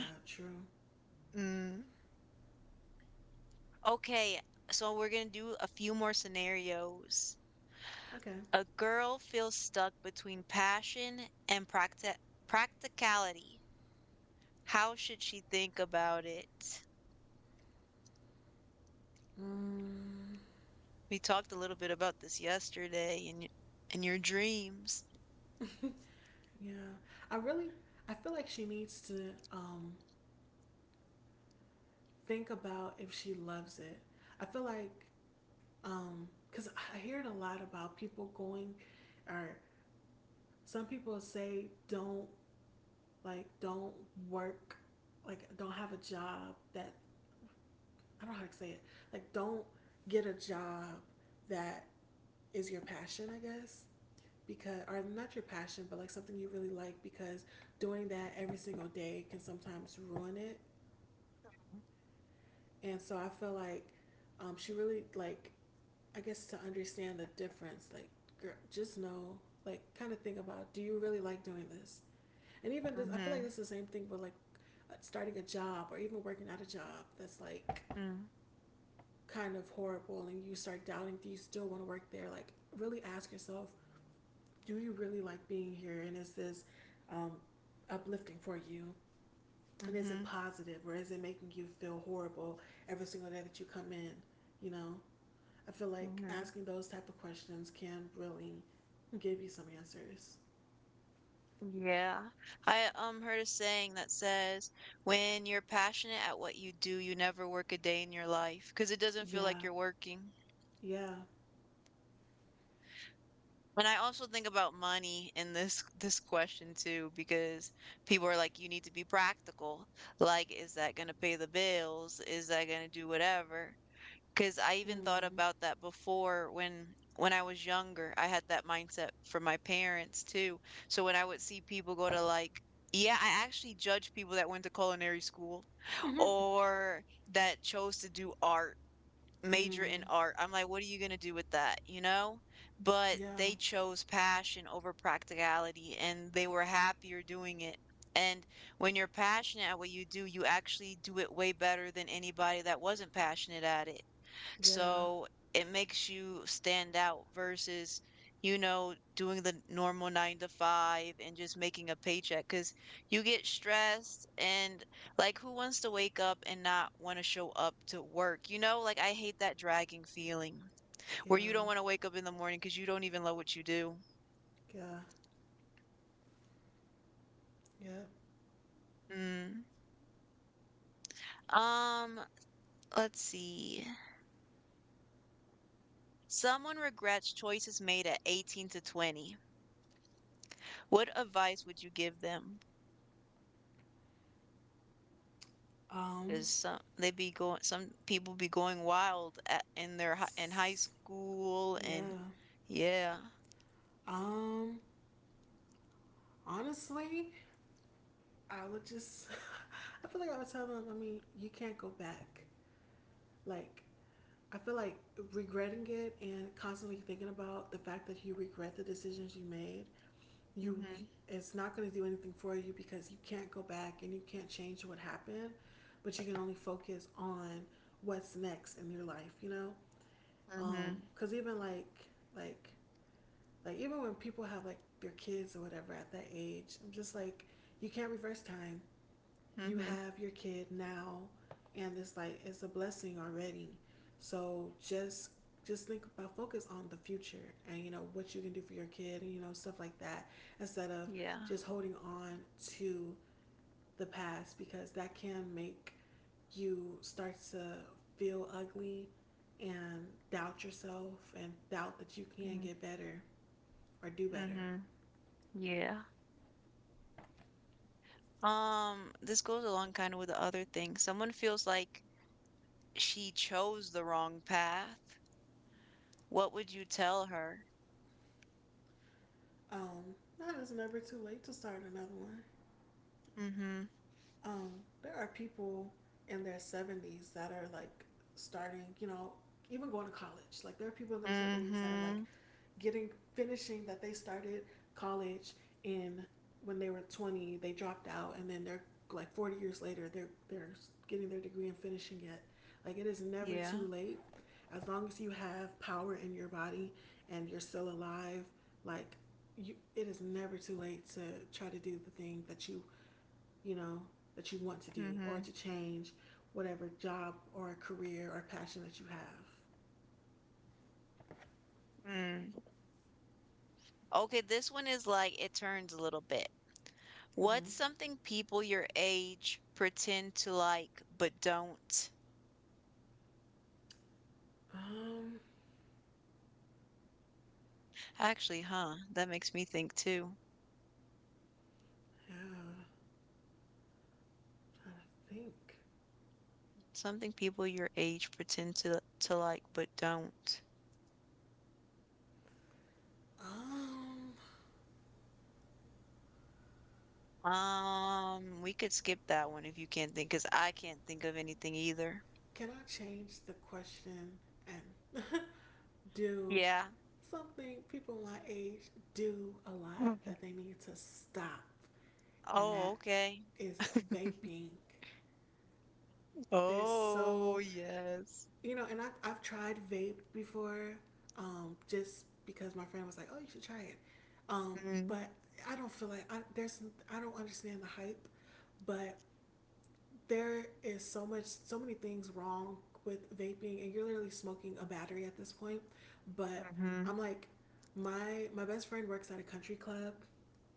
Yeah. True. *laughs* Mm. Okay, so we're going to do a few more scenarios. Okay. A girl feels stuck between passion and practicality. How should she think about it? Mm. We talked a little bit about this yesterday in in your dreams. *laughs* Yeah. I really I feel like she needs to think about if she loves it. I feel like because I hear it a lot about people going or some people say don't work like don't have a job that I don't know how to say it. Like don't get a job that is your passion, I guess. Because or not your passion, but like something you really like because doing that every single day can sometimes ruin it. And so I feel like she really like I guess to understand the difference, like girl, just know, like kind of think about, do you really like doing this? And even this, I feel Mm-hmm. like this is the same thing with like starting a job or even working at a job that's like Mm, kind of horrible and you start doubting do you still want to work there like really ask yourself do you really like being here and is this um, uplifting for you and is mm-hmm. it positive or is it making you feel horrible every single day that you come in you know I feel like Mm-hmm. asking those type of questions can really give you some answers. Yeah. I heard a saying that says, when you're passionate at what you do, you never work a day in your life because it doesn't feel like Yeah, you're working. yeah. And I also think about money in this *laughs* this question too, because people are like, you need to be practical. Like, is that going to pay the bills? Is that going to do whatever? Because I even thought Mm. about that before. When I was younger, I had that mindset from my parents too. So when I would see people go to, like, yeah, I actually judge people that went to culinary school or that chose to do art, *laughs* major Mm. in art. I'm like, what are you going to do with that, you know? But Yeah. they chose passion over practicality, and they were happier doing it. And when you're passionate at what you do, you actually do it way better than anybody that wasn't passionate at it. Yeah, So it makes you stand out versus, doing the normal nine to five and just making a paycheck, because you get stressed. And like, who wants to wake up and not want to show up to work? I hate that dragging feeling, where you yeah, don't want to wake up in the morning because you don't even know what you do. yeah, yeah. Mm. Um, let's see. Someone regrets choices made at 18 to 20. What advice would you give them? Um, 'Cause some people be going wild at in their hi in high school, yeah. and yeah. Um, honestly, I would just. *laughs* I feel like I would tell them. I mean, you can't go back. Like, I feel like regretting it and constantly thinking about the fact that you regret the decisions you made. Mhm, It's not going to do anything for you because you can't go back and you can't change what happened. But you can only focus on what's next in your life. You know. Mhm, Cause even like like even when people have like their kids or whatever at that age, I'm just like you can't reverse time. You mhm, have your kid now, and it's like it's a blessing already. So just think about focus on the future and you know what you can do for your kid and you know stuff like that instead of yeah, just holding on to the past because that can make you start to feel ugly and doubt yourself and doubt that you can mhm, get better or do better. mhm, yeah. This goes along kinda with the other thing. Someone feels like she chose the wrong path. What would you tell her? Not it's never too late to start another one. Mm. Mhm, Um, there are people in their 70's that are like starting, you know, even going to college. Like there are people in mm. their 70's that are like Mhm, getting finishing that they started college in when they were 20, they dropped out and then they're like 40 years later they're getting their degree and finishing it. Like it is never yeah, too late as long as you have power in your body and you're still alive, like you it is never too late to try to do the thing that you know, that you want to mm. do or Mhm, to change whatever job or career or passion that you have. mm. Okay, this one is, like, it turns a little bit. What's Mm-hmm. something people your age pretend to like but don't? Um, Actually, huh, that makes me think too. yeah, I'm trying to think. Something people your age pretend to like but don't. Um, We could skip that one if you can't think, because I can't think of anything either. can I change the question and *laughs* do Yeah. something people my age do a lot Mhm. that they need to stop? And Oh, that okay. is *laughs* vaping. There's Oh, so yes. you know, and I've tried vape before, just because my friend was like, "Oh, you should try it," um, Mm, but I don't feel like I, there's I don't understand the hype, but there is so many things wrong with vaping, and you're literally smoking a battery at this point. But mm-hmm, I'm like, my best friend works at a country club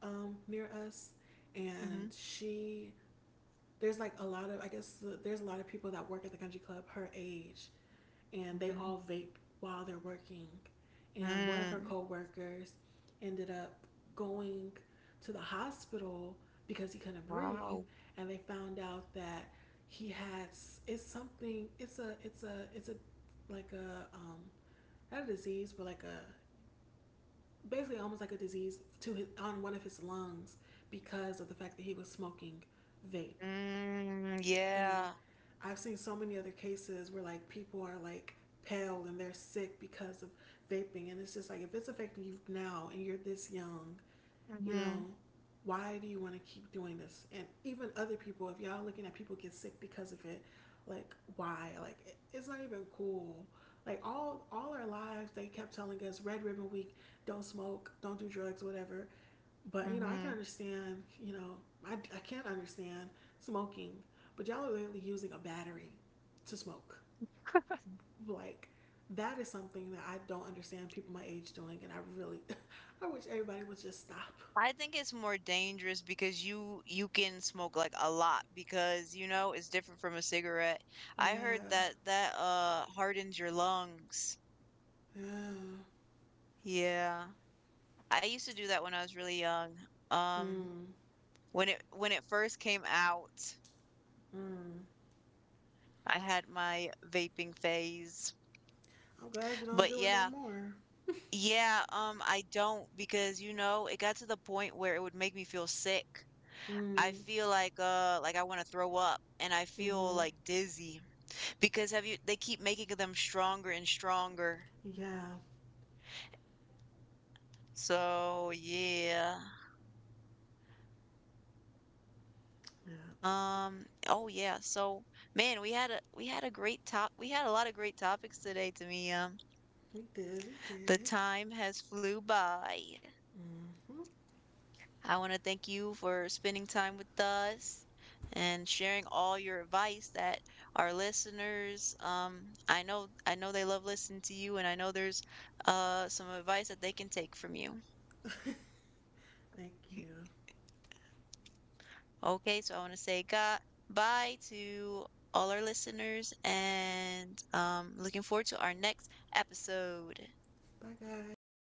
near us, and mm-hmm, she there's like a lot of I guess there's a lot of people that work at the country club her age, and they mm-hmm. all vape while they're working, and one of her Mm. coworkers ended up going to the hospital because he couldn't breathe, Wow. and they found out that he had it's a it's a it's a like a not a disease but like a basically almost like a disease to his on one of his lungs because of the fact that he was smoking vape Mm, and yeah. I've seen so many other cases where like people are like pale and they're sick because of vaping and it's just like if it's affecting you now and you're this young you know, Mm-hmm, why do you want to keep doing this? And even other people, if y'all looking at people get sick because of it, like why? Like it, it's not even cool. Like all our lives, they kept telling us Red Ribbon Week, don't smoke, don't do drugs, whatever. But you know, I can mm-hmm. understand. You know, I can't understand smoking, but y'all are literally using a battery to smoke. Like that is something that I don't understand people my age doing, and I really, *laughs* I wish everybody would just stop. I think it's more dangerous because you can smoke like a lot because, it's different from a cigarette. I heard Yeah. that hardens your lungs. Yeah. Yeah. I used to do that when I was really young. Um Mm. when it first came out, Mm. I had my vaping phase. I'm glad you don't But do it no yeah, more. yeah, I don't, because, you know, it got to the point where it would make me feel sick. I Mm. feel like I want to throw up, and I feel Mm-hmm. like dizzy. Because have you they keep making them stronger and stronger. Yeah. So, yeah. Yeah. Oh yeah. So, man, we had a lot of great topics today, Tamia. We did. We The did. time has flew by. Mm-hmm. I want to thank you for spending time with us and sharing all your advice, that our listeners, I know they love listening to you, and I know there's some advice that they can take from you. Thank *laughs* you. Okay, so I want to say God, bye to all our listeners, and looking forward to our next episode. Bye, guys.